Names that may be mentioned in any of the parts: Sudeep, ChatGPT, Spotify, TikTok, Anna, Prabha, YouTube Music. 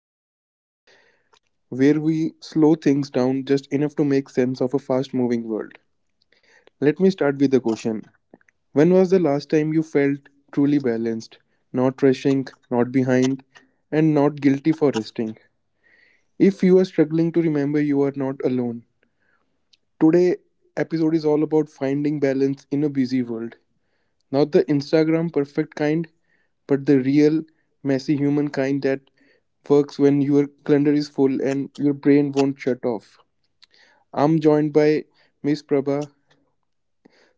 back to the show where we slow things down just enough to make sense of a fast moving world. Let me start with a question. When was the last time you felt truly balanced, not rushing, not behind, and not guilty for resting? If you are struggling to remember, you are not alone. Today episode is all about finding balance in a busy world. Not the Instagram perfect kind, but the real messy humankind that works when your calendar is full and your brain won't shut off. I'm joined by Miss Prabha,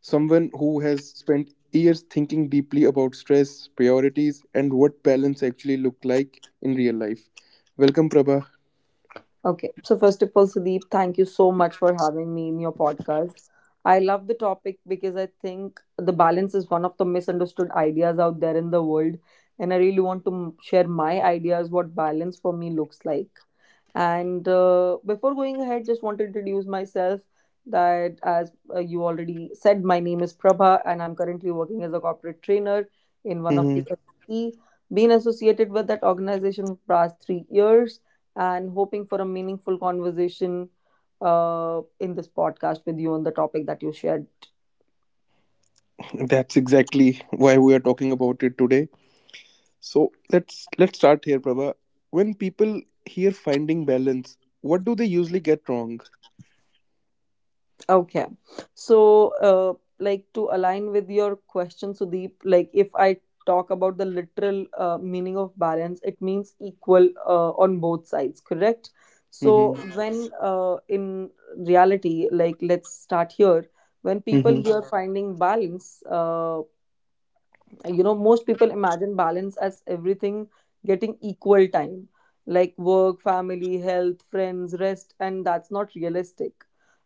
someone who has spent years thinking deeply about stress, priorities, and what balance actually look like in real life. Welcome, Prabha. Okay. So, first of all, Sudeep, thank you so much for having me in your podcast. I love the topic because I think the balance is one of the misunderstood ideas out there in the world. And I really want to share my ideas what balance for me looks like. And before going ahead, just want to introduce myself that as you already said, my name is Prabha and I'm currently working as a corporate trainer in one of the Mm-hmm. LLC, been associated with that organization for past 3 years and hoping for a meaningful conversation in this podcast with you on the topic that you shared. That's exactly why we are talking about it today. So let's start here, Prabha. When people hear finding balance, what do they usually get wrong? Okay. So, uh, like to align with your question, Sudeep, like if I talk about the literal meaning of balance, it means equal on both sides, correct? So, Mm-hmm. Mhm. when in reality, like let's start here, when people hear finding balance, most people imagine balance as everything getting equal time, like work, family, health, friends, rest, and that's not realistic.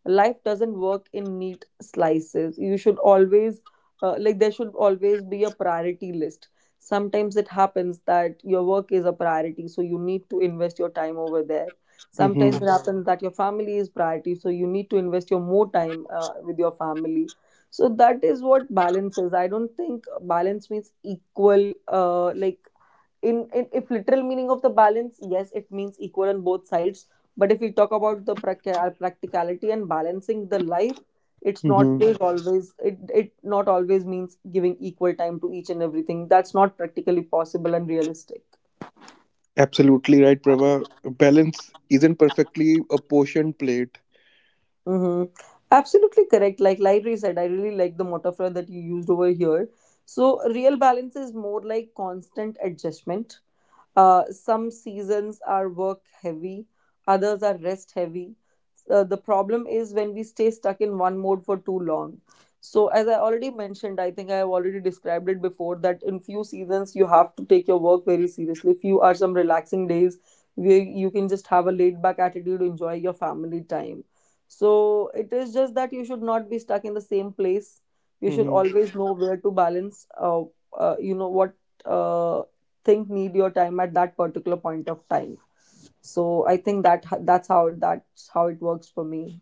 Life doesn't work in neat slices. You should always, like, there should always be a priority list. Sometimes it happens that your work is a priority, so you need to invest your time over there. Sometimes Mm-hmm. it happens that your family is priority, so you need to invest your more time with your family. So that is what balance is. I don't think balance means equal, like, in if literal meaning of the balance, yes, it means equal on both sides. But if we talk about the practicality and balancing the life, it's not Mm-hmm. always it not always means giving equal time to each and everything. That's not practically possible and realistic. Absolutely right, Prabha. Balance isn't perfectly a portion plate. Mm-hmm. Absolutely correct. Like Library said, I really like the metaphor that you used over here. So, real balance is more like constant adjustment. Some seasons are work heavy, others are rest heavy. The problem is when we stay stuck in one mode for too long. So, as I already mentioned, I think I have already described it before that in few seasons you have to take your work very seriously. Few are some relaxing days where you can just have a laid back attitude, enjoy your family time, so it is just that you should not be stuck in the same place. You should Mm-hmm. always know where to balance. You know what uh, thing need your time at that particular point of time. So I think that that's how it works for me.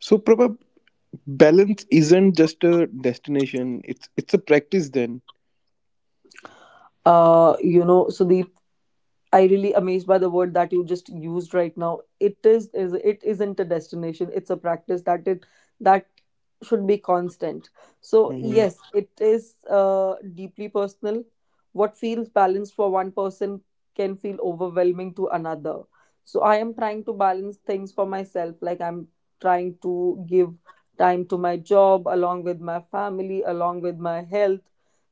So, Prabha, balance isn't just a destination. It's a practice. Then. You know, so the. I really amazed by the word that you just used right now. It is. It isn't a destination. It's a practice, that it that should be constant. So Mm-hmm. yes, it is deeply personal. What feels balanced for one person can feel overwhelming to another. So I am trying to balance things for myself. Like I'm trying to give time to my job, along with my family, along with my health.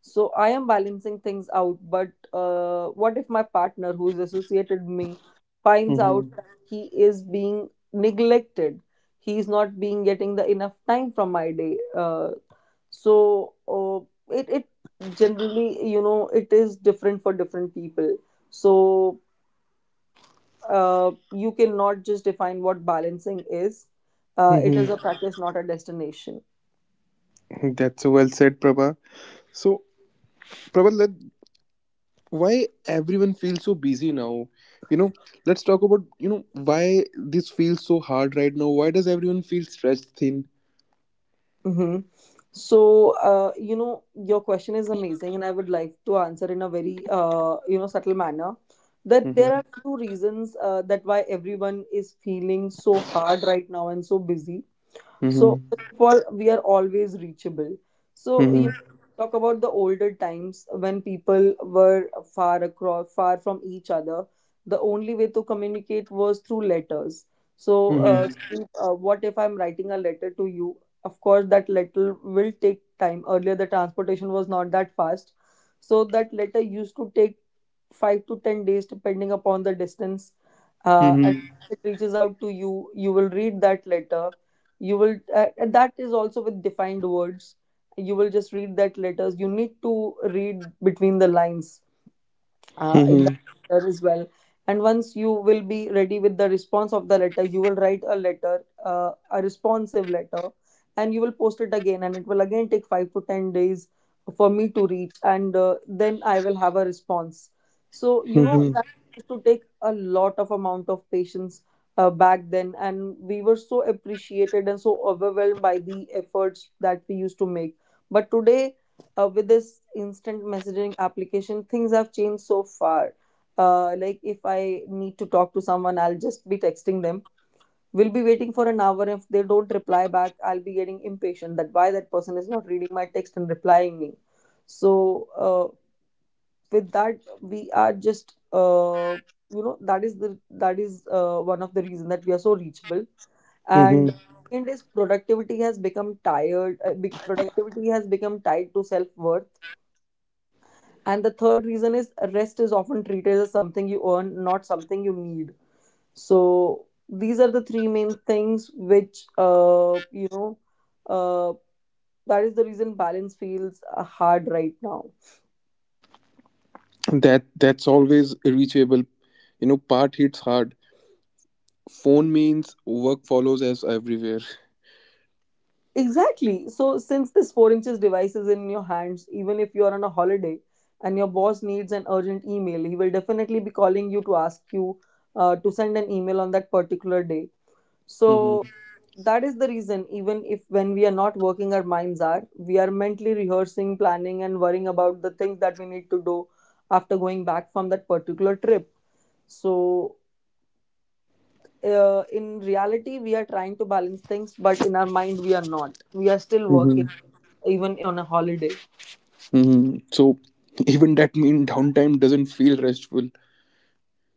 So I am balancing things out, but what if my partner who is associated me finds out Mm-hmm. that he is being neglected, he is not being getting the enough time from my day? So uh, it, it generally, you know, it is different for different people. So you cannot just define what balancing is. It is Mm-hmm. a practice, not a destination. That's so well said, Prabha. So, Prabha, let why everyone feels so busy now? You know, let's talk about you know why this feels so hard right now. Why does everyone feel stretched thin? Mm-hmm. So, your question is amazing, and I would like to answer in a very, subtle manner, that there Mm-hmm. are few reasons that why everyone is feeling so hard right now and so busy. So first Mm-hmm. of all, we are always reachable. So, Mm-hmm. Talk about the older times when people were far across, far from each other. The only way to communicate was through letters. So, Mm-hmm. Sandeep, what if I'm writing a letter to you? Of course, that letter will take time. Earlier, the transportation was not that fast, so that letter used to take 5 to 10 days, depending upon the distance. And Mm-hmm. it reaches out to you. You will read that letter. You will and that is also with defined words, you will just read that letters. You need to read between the lines in the letter as well. And once you will be ready with the response of the letter, you will write a letter, a responsive letter, and you will post it again. And it will again take 5 to 10 days for me to reach, and then I will have a response. So, you know, Mm-hmm. that used to take a lot of amount of patience back then, and we were so appreciated and so overwhelmed by the efforts that we used to make. But today with this instant messaging application, things have changed so far. Like, if I need to talk to someone, I'll just be texting them. We'll be waiting for an hour. If they don't reply back, I'll be getting impatient that why that person is not reading my text and replying me. So uh, with that, we are just, you know, that is one of the reason that we are so reachable. And Mm-hmm. second is productivity has become tired, productivity has become tied to self-worth. And the third reason is rest is often treated as something you earn, not something you need. So these are the three main things which, uh, that is the reason balance feels hard right now. That that's always reachable, you know, part hits hard. Phone means work follows us everywhere. Exactly. So since this 4 inches device is in your hands, even if you are on a holiday and your boss needs an urgent email, he will definitely be calling you to ask you to send an email on that particular day. Hmm. So that is the reason, even if when we are not working, our minds are, we are mentally rehearsing, planning and worrying about the things that we need to do after going back from that particular trip. So in reality, we are trying to balance things, but in our mind we are not, we are still working Hmm. even on a holiday. Hmm. So, even that mean downtime doesn't feel restful.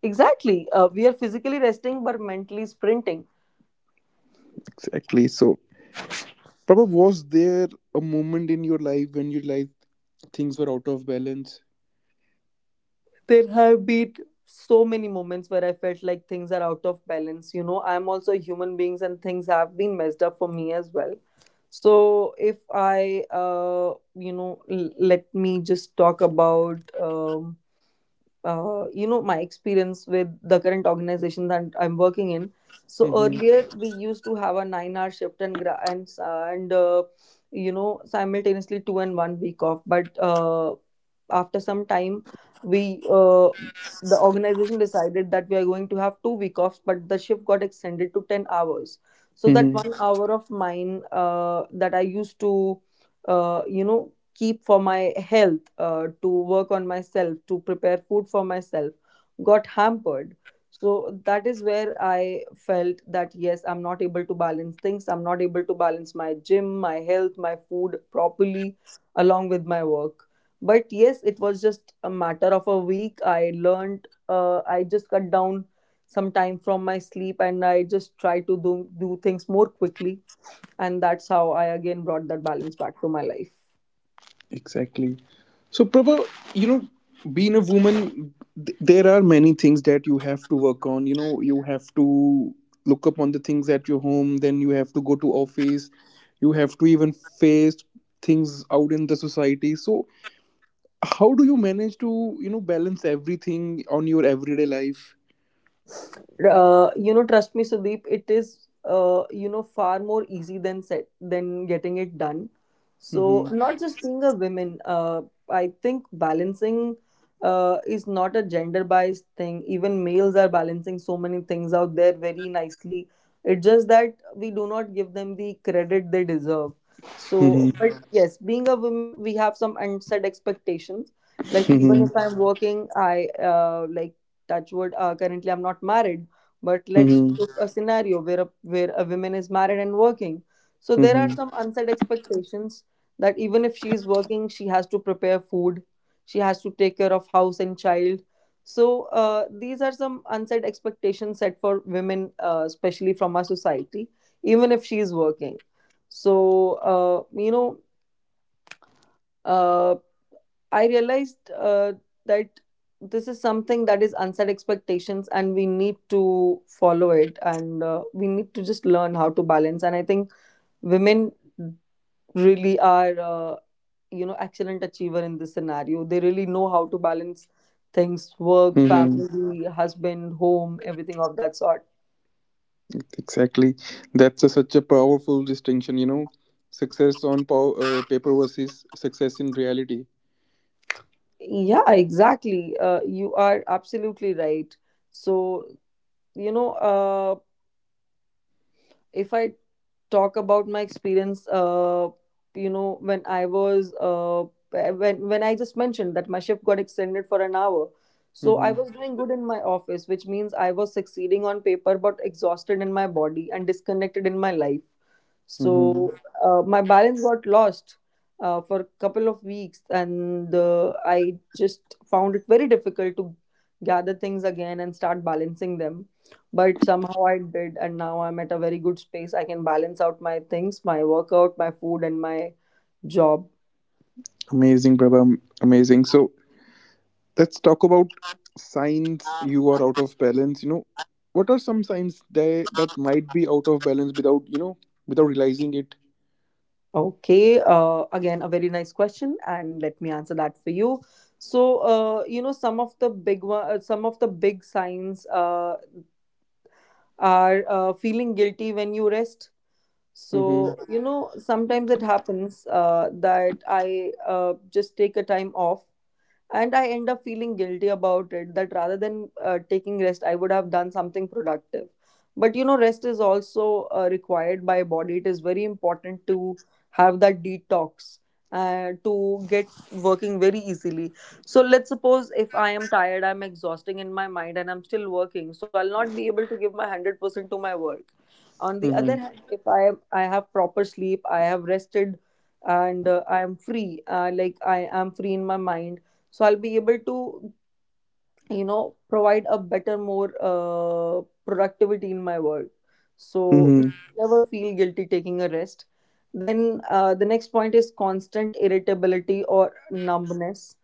Exactly, we are physically resting but mentally sprinting. Exactly. So, Prabha, was there a moment in your life when you like things were out of balance? There have been so many moments where I felt like things are out of balance. You know, I'm also a human beings and things have been messed up for me as well. So if I, let me just talk about my experience with the current organization that I'm working in. So Hmm. earlier we used to have a 9-hour shift and gra- and s- and you know, simultaneously 2 and 1 week off. But after some time, we the organization decided that we are going to have 2 week offs, but the shift got extended to 10 hours. So that Hmm. 1 hour of mine that I used to uh, you know keep for my health, to work on myself, to prepare food for myself, got hampered. So that is where I felt that yes, I'm not able to balance things. I'm not able to balance my gym, my health, my food properly along with my work. But yes, it was just a matter of a week. I learned, I just cut down some time from my sleep and I just try to do things more quickly. And that's how I again brought that balance back to my life. Exactly. So, Prabha, you know, being a woman, there are many things that you have to work on. You know, you have to look up on the things at your home. Then you have to go to office. You have to even face things out in the society. So, how do you manage to, you know, balance everything on your everyday life? You know, trust me, Sudeep, it is far more easy than set than getting it done. So Mm-hmm. not just being a woman, I think balancing is not a gender biased thing. Even males are balancing so many things out there very nicely. It's just that we do not give them the credit they deserve. So, Mm-hmm. but yes, being a woman, we have some unset expectations. Like, even Mm-hmm. if I'm working, I like, touch wood, currently I'm not married. But let's Mm-hmm. take a scenario where where a woman is married and working. So there are some unsaid expectations that even if she is working, she has to prepare food, she has to take care of house and child. So these are some unsaid expectations set for women, especially from our society, even if she is working. So, uh, you know. uh, I realized that this is something that is unset expectations, and we need to follow it, and we need to just learn how to balance. And I think women really are, excellent achiever in this scenario. They really know how to balance things: work, Mm-hmm. family, husband, home, everything of that sort. Exactly. That's a, such a powerful distinction, you know. Success on paper versus success in reality. Yeah, exactly. You are absolutely right. So, you know. If I talk about my experience, when I was when I just mentioned that my shift got extended for an hour, so I was Mm-hmm. doing good in my office, which means I was succeeding on paper, but exhausted in my body and disconnected in my life. Mm-hmm. So my balance got lost for a couple of weeks, and I just found it very difficult to gather things again and start balancing them, but somehow I did, and now I'm at a very good space. I can balance out my things, my workout, my food, and my job. Amazing, Prabha. Amazing. So let's talk about signs you are out of balance. You know, what are some signs that that might be out of balance without, you know, without realizing it? Okay, again, a very nice question, and let me answer that for you. So, some of the big signs are feeling guilty when you rest. Mm-hmm. So, sometimes it happens that I just take a time off, and I end up feeling guilty about it, that rather than taking rest I would have done something productive. But rest is also required by body. It is very important to have that detox and to get working very easily. So let's suppose if I am tired, I'm exhausting in my mind and I'm still working, so I'll not be able to give my 100% to my work. On the other Mm-hmm. hand, if I am I have proper sleep, I have rested, and I am free, I am free in my mind, so I'll be able to, provide a better, more productivity in my work. So you Mm-hmm. never feel guilty taking a rest. Then the next point is constant irritability or numbness.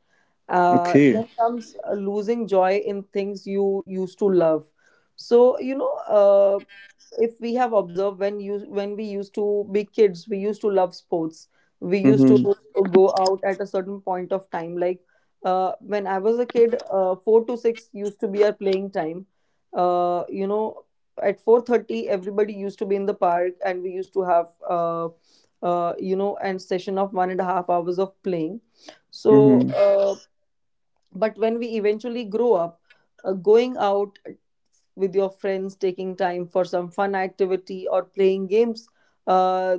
Okay. Then comes losing joy in things you used to love. so you know uh, if we have observed, when we used to be kids, we used to love sports. We used to Mm-hmm. go out at a certain point of time. Like, when I was a kid, 4 to 6 used to be our playing time. uh, you know at 4:30 everybody used to be in the park, and we used to have, uh, and session of 1.5 hours of playing. so Mm-hmm. uh, but when we eventually grow up, going out with your friends, taking time for some fun activity or playing games, uh,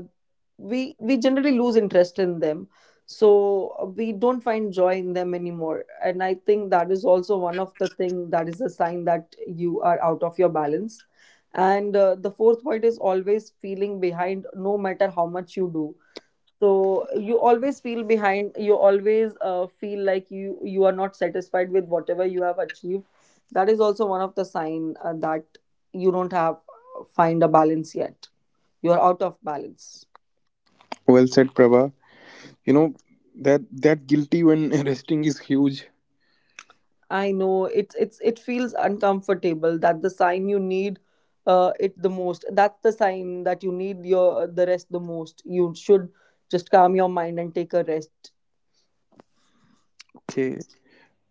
we generally lose interest in them. So we don't find joy in them anymore. And I think that is also one of the thing that is a sign that you are out of your balance. And the fourth point is always feeling behind, no matter how much you do. So you always feel behind, you always feel like you are not satisfied with whatever you have achieved. That is also one of the sign that you don't have, find a balance yet. You're out of balance. Well said, Prabha. You know, that that guilty when resting is huge. I know it's, it feels uncomfortable. That the sign you need, it the most, that's the sign that you need your the rest the most. You should just calm your mind and take a rest. Okay,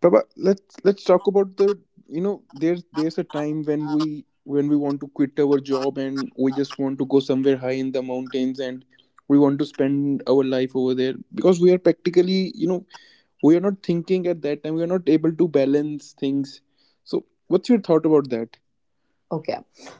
Prabha, let's talk about the, you know, there's a time when we want to quit our job and we just want to go somewhere high in the mountains, and we want to spend our life over there because we are practically, you know, we are not thinking at that time, we are not able to balance things. So what's your thought about that? Okay.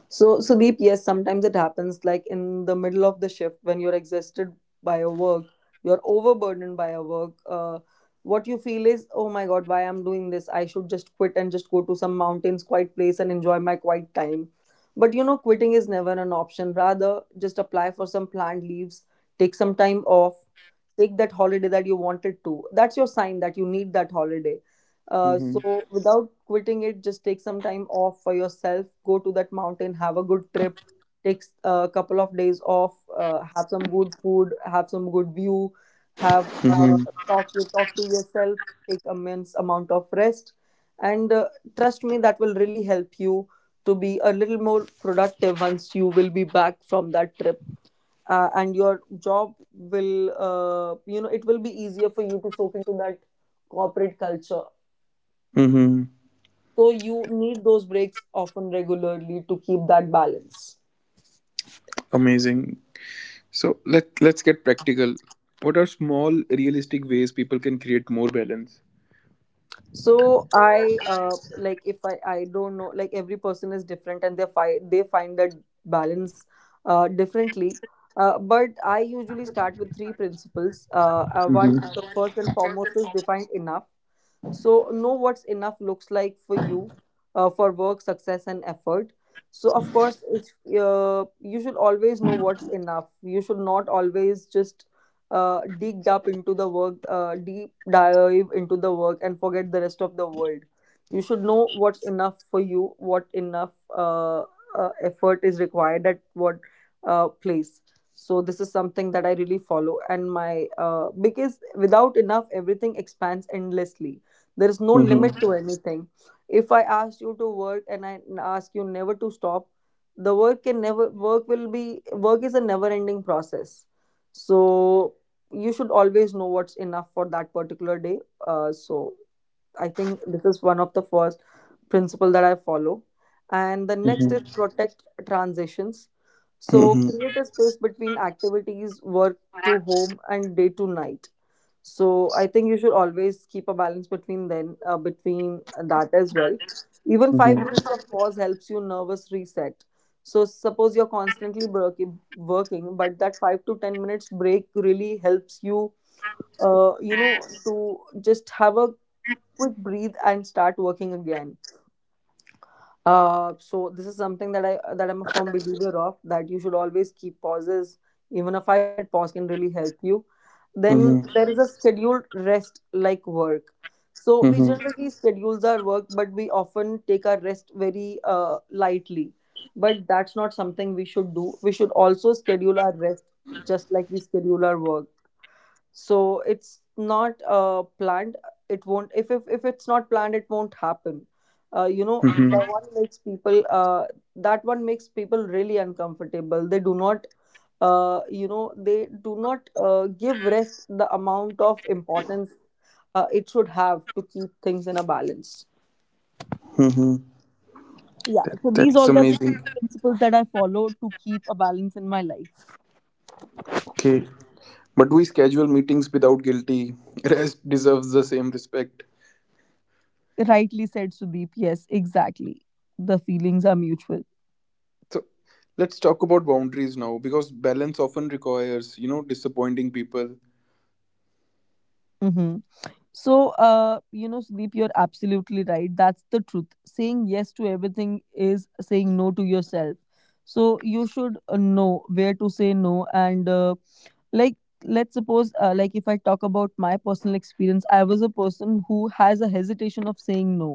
So, Sudeep, yes, sometimes it happens, like in the middle of the shift when you're exhausted by your work, you're overburdened by your work. What you feel is, oh my God, why I'm doing this? I should just quit and just go to some mountains, quiet place, and enjoy my quiet time. But you know, quitting is never an option. Rather, just apply for some planned leaves, take some time off, take that holiday that you wanted to. That's your sign that you need that holiday. Uh, Mm-hmm. so without quitting it, just take some time off for yourself. Go to that mountain, have a good trip, a couple of days off, have some good food, have some good view, have Mm-hmm. Talk to yourself, take immense amount of rest, and trust me, that will really help you to be a little more productive once you will be back from that trip. And your job will, it will be easier for you to soak into that corporate culture. Mm-hmm. So you need those breaks often regularly to keep that balance. Amazing. So let's get practical. What are small realistic ways people can create more balance? So I, like if I don't know, like every person is different, and they find that balance differently. But I usually start with three principles. One, Mm-hmm. the first and foremost is define enough. So know what's enough looks like for you, for work, success and effort. So of course you should always know what's enough. You should not always just dig up into the work deep dive into the work and forget the rest of the world. You should know what's enough for you, what enough effort is required at what place. So this is something that I really follow. And my Because without enough, everything expands endlessly. There is no limit Mm-hmm. to anything. If I ask you to work and I ask you never to stop, the work can never work will be work is a never ending process. So you should always know what's enough for that particular day. uh, so I think this is one of the first principle that I follow. And the next is protect transitions. So Mhm. create a space between activities, work to home and day to night. So I think you should always keep a balance between that as well. Even 5 Mhm. minutes of pause helps you nervous reset. So suppose you're constantly working, but that 5 to 10 minutes break really helps you, you know to just have a quick breathe and start working again. This is something that I that I'm a firm believer of, that you should always keep pauses. Even a 5-minute pause can really help you. Then Mhm. there is a scheduled rest like work. So we Mhm. generally schedules our work, but we often take our rest very lightly. But that's not something we should do. We should also schedule our rest, just like we schedule our work. So it's not planned. It won't If, if it's not planned, it won't happen. You know the Mhm. one makes people That one makes people really uncomfortable. They do not, they do not give rest the amount of importance it should have to keep things in a balance. Mhm. Yeah, That, so these that's all are the amazing. three principles that I follow to keep a balance in my life. Okay. But we schedule meetings without guilty. Rest deserves the same respect. Rightly said, Sudeep. Yes, exactly. The feelings are mutual. So let's talk about boundaries now because balance often requires, you know, disappointing people. hmm So, Sudeep, you're absolutely right. That's the truth. Saying yes to everything is saying no to yourself. So you should know where to say no. Like, let's suppose, if I talk about my personal experience, I was a person who has a hesitation of saying no.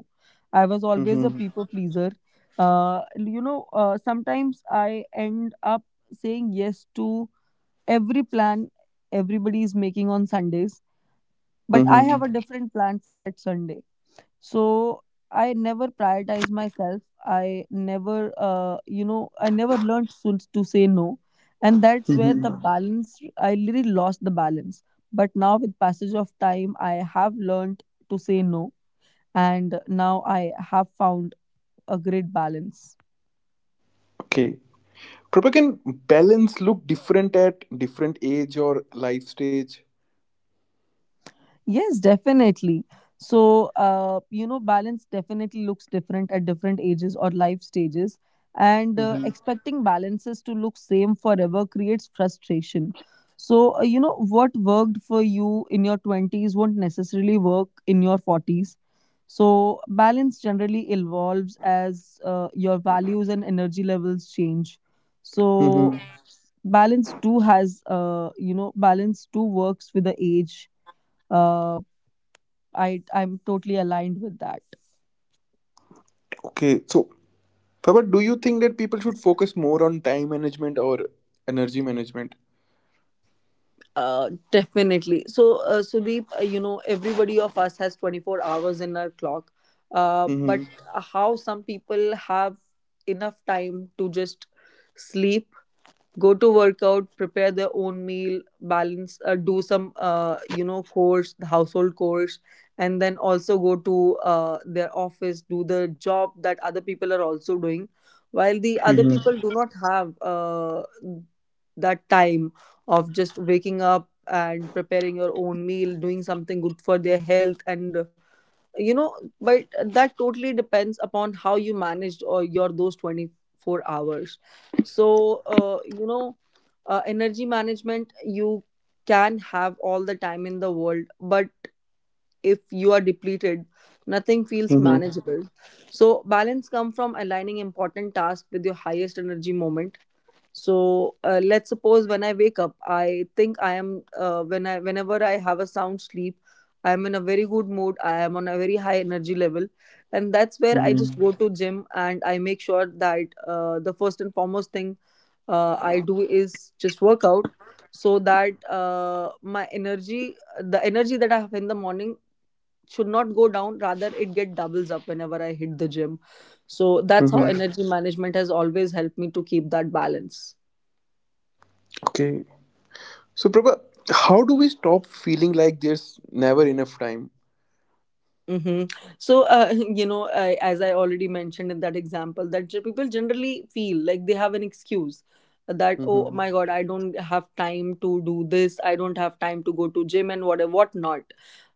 I was always a Mm-hmm. people pleaser. Sometimes I end up saying yes to every plan everybody is making on Sundays, but I have Mm-hmm. a different plan for that Sunday. So I never prioritize myself. I never, I never learned to say no. And that's where the Mm-hmm. balance, I literally lost the balance. But now, with passage of time, I have learned to say no. And now I have found a great balance. Okay. Prabha, can balance look different at different age or life stage? Yes, definitely. So, balance definitely looks different at different ages or life stages. And Mm-hmm. expecting balances to look same forever creates frustration. So, what worked for you in your 20s won't necessarily work in your 40s. So, balance generally evolves as your values and energy levels change. So, Mm-hmm. balance too has, balance too works with the age. Uh, I'm totally aligned with that. Okay. So but do you think that people should focus more on time management or energy management? Definitely. So, Sudeep, everybody of us has 24 hours in our clock. But Mm-hmm. how some people have enough time to just sleep, go to workout, prepare their own meal, balance, do some chores, household chores, and then also go to their office, do the job that other people are also doing, while the other Mm-hmm. people do not have that time of just waking up and preparing your own meal, doing something good for their health and you know. But that totally depends upon how you managed or your those 24 hours. So energy management, you can have all the time in the world, but if you are depleted, nothing feels Mm-hmm. manageable. So balance come from aligning important tasks with your highest energy moment. So let's suppose, when I wake up, I think I am whenever I have a sound sleep, I am in a very good mood, I am on a very high energy level. And that's where I just Mm-hmm. go to gym, and I make sure that the first and foremost thing I do is just workout. So that my energy the energy that I have in the morning should not go down, rather it get doubles up whenever I hit the gym. So that's how Mm-hmm. energy management has always helped me to keep that balance. Okay. So, Prabha, how do we stop feeling like there's never enough time? Mm-hmm. So, you know, I, as I already mentioned in that example, that people generally feel like they have an excuse that, oh Mm-hmm. my god, I don't have time to do this, I don't have time to go to gym, and what not.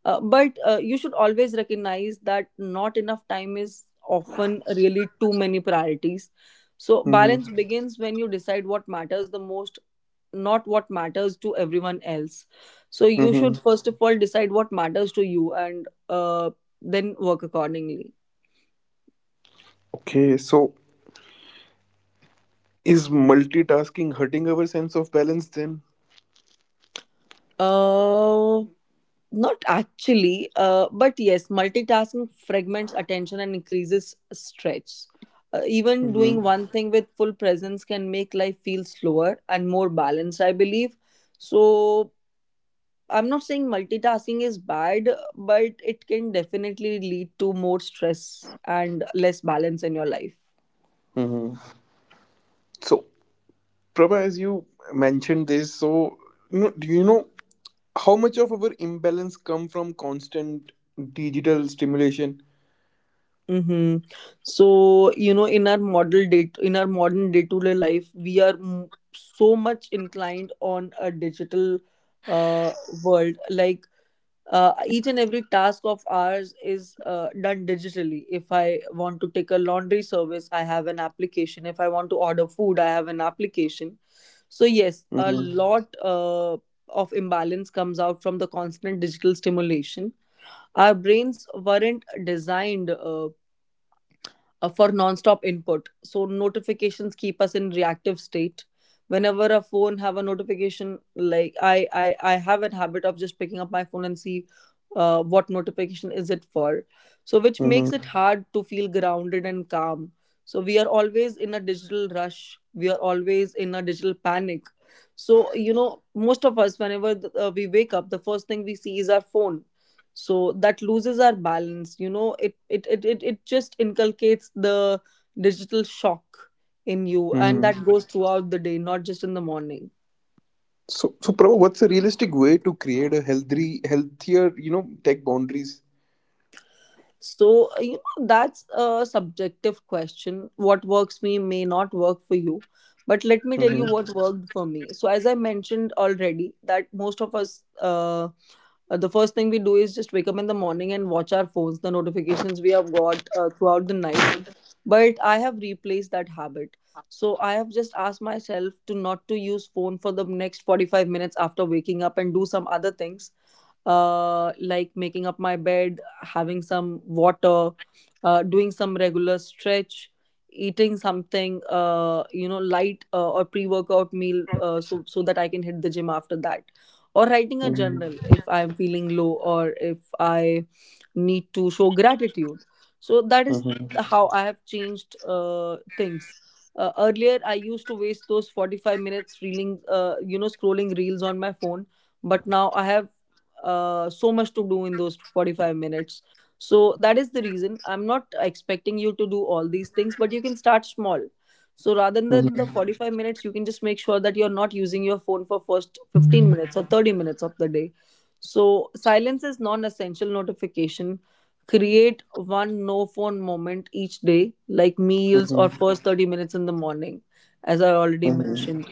But you should always recognize that not enough time is often really too many priorities. So Mm-hmm. balance begins when you decide what matters the most, not what matters to everyone else. So you should Mm-hmm. first of all decide what matters to you, and then work accordingly. Okay. So, is multitasking hurting our sense of balance then? Uh, Not actually, but yes, multitasking fragments attention and increases stress. Even Mm-hmm. doing one thing with full presence can make life feel slower and more balanced, I believe. So, I'm not saying multitasking is bad, but it can definitely lead to more stress and less balance in your life. Mm-hmm. So, Prabha, as you mentioned this, so, you know, do you know how much of our imbalance come from constant digital stimulation? Mm-hmm. So, you know, in our model day, in our modern day-to-day life, we are so much inclined on a digital uh, world. Like each and every task of ours is done digitally. If I want to take a laundry service, I have an application. If I want to order food, I have an application. So yes, a Mhm. lot of imbalance comes out from the constant digital stimulation. Our brains weren't designed for non-stop input, so notifications keep us in reactive state. Whenever a phone have a notification, like I have a habit of just picking up my phone and see what notification is it for, so which makes it Mhm. hard to feel grounded and calm. So we are always in a digital rush, we are always in a digital panic. So you know, most of us, whenever we wake up, the first thing we see is our phone. So that loses our balance, you know. It just inculcates the digital shock in you, and Mhm. that goes throughout the day, not just in the morning. So, so Prabhu, what's a realistic way to create a healthy, healthier, you know, tech boundaries? So you know, that's a subjective question. What works me may not work for you, but let me tell Mm-hmm. you what worked for me. So as I mentioned already, that most of us, the first thing we do is just wake up in the morning and watch our phones, the notifications we have got throughout the night. But I have replaced that habit. So I have just asked myself to not to use phone for the next 45 minutes after waking up and do some other things, like making up my bed, having some water, doing some regular stretch, eating something, light or pre-workout meal, so that I can hit the gym after that, or writing a journal Mm-hmm. if I am feeling low or if I need to show gratitude. So that is Mm-hmm. how I have changed things. Earlier, I used to waste those 45 minutes reeling, scrolling reels on my phone, but now I have so much to do in those 45 minutes. So that is the reason, I'm not expecting you to do all these things, but you can start small. So rather than the Mm-hmm. 45 minutes, you can just make sure that you're not using your phone for first 15 minutes or 30 minutes of the day. So silence is non-essential notification. Create one no phone moment each day, like meals or Mm-hmm. first 30 minutes in the morning, as I already mentioned. Mm-hmm.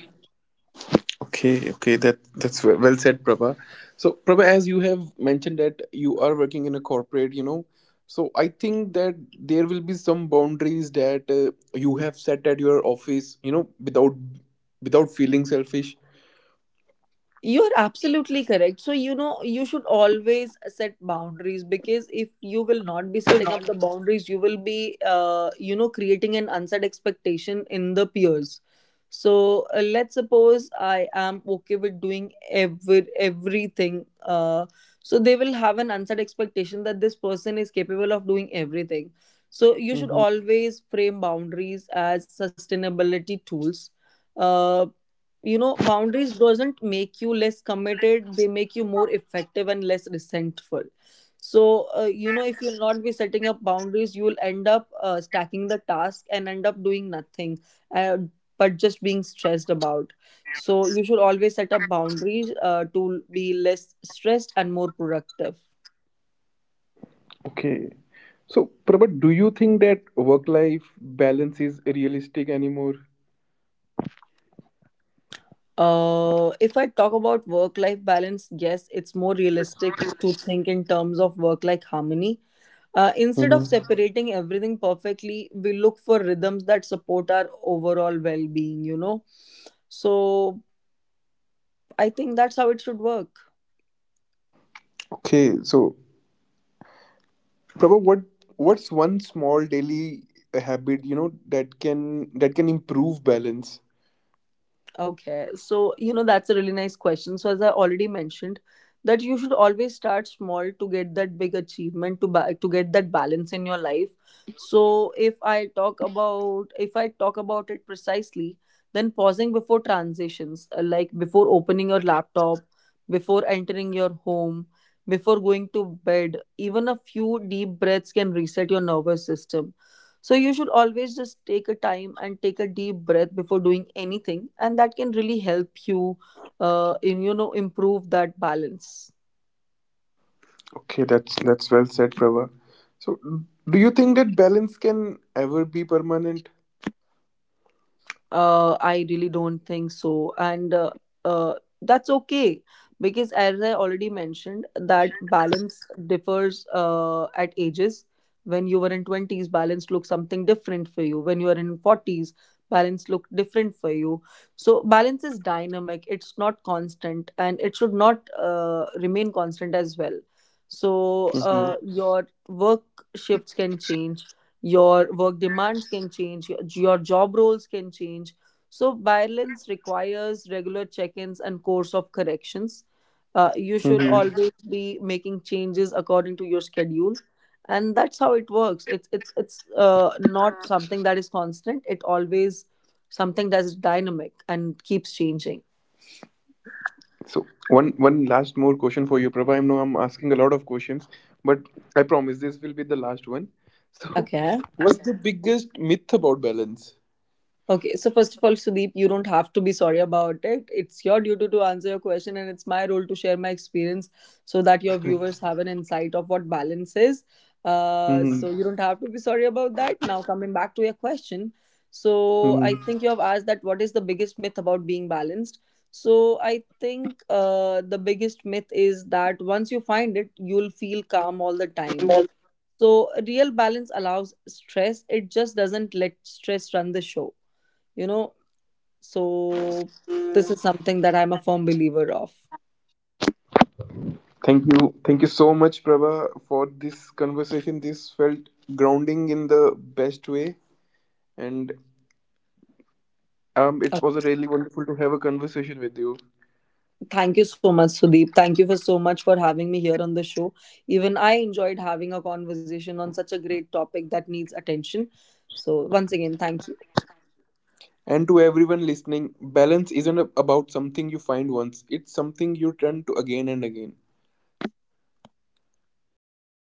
Okay, okay, that that's well said, Prabha. So, Prabha, as you have mentioned that you are working in a corporate, you know, so I think that there will be some boundaries that you have set at your office, you know, without without feeling selfish. You're absolutely correct. So, you know, you should always set boundaries, because if you will not be setting up the boundaries, you will be, creating an unset expectation in the peers. So, let's suppose I am okay with doing everything. So they will have an unset expectation that this person is capable of doing everything. So you should Mm-hmm. always frame boundaries as sustainability tools. Uh, you know, boundaries doesn't make you less committed, they make you more effective and less resentful. So you know, if you'll not be setting up boundaries, you will end up stacking the task and end up doing nothing, uh, but just being stressed about. So you should always set up boundaries to be less stressed and more productive. Okay. So, Prabhat, do you think that work life balance is realistic anymore? If I talk about work life balance, yes, it's more realistic to think in terms of work life harmony. Instead of Hmm. separating everything perfectly, we look for rhythms that support our overall well being, you know? So I think that's how it should work. Okay, so Prabha, what what's one small daily habit, you know, that can improve balance? Okay, so you know, that's a really nice question. So as I already mentioned, that you should always start small to get that big achievement, to to get that balance in your life. So if I talk about, if I talk about it precisely, then pausing before transitions, like before opening your laptop, before entering your home, before going to bed, even a few deep breaths can reset your nervous system. So you should always just take a time and take a deep breath before doing anything, and that can really help you in you know improve that balance. Okay, that's well said, Prabha. So, do you think that balance can ever be permanent? I really don't think so, and uh, that's okay, because, as I already mentioned, that balance differs at ages. When you were in twenties, balance looks something different for you. When you are in forties, balance look different for you. So balance is dynamic; it's not constant, and it should not remain constant as well. So your work shifts can change, your work demands can change, your job roles can change. So balance requires regular check-ins and course of corrections. You should Mm-hmm. always be making changes according to your schedule, and that's how it works. It's not something that is constant, it always something that is dynamic and keeps changing. So one one last more question for you, Prabha. I know I'm asking a lot of questions, but I promise this will be the last one. So, Okay. what's the biggest myth about balance? Okay, so first of all, Sudeep, you don't have to be sorry about it. It's your duty to answer your question, and it's my role to share my experience, so that your viewers have an insight of what balance is. Hmm. So you don't have to be sorry about that. Now, coming back to your question, so I Hmm. think you have asked that what is the biggest myth about being balanced? So I think the biggest myth is that once you find it, you'll feel calm all the time. So real balance allows stress, it just doesn't let stress run the show. You know, so this is something that I'm a firm believer of. Thank you, thank you so much, Prabha, for this conversation. This felt grounding in the best way, and it Uh, was really wonderful to have a conversation with you. Thank you so much, Sudeep. Thank you for so much for having me here on the show. Even I enjoyed having a conversation on such a great topic that needs attention. So once again, thank you. And to everyone listening, balance isn't about something you find once; it's something you turn to again and again.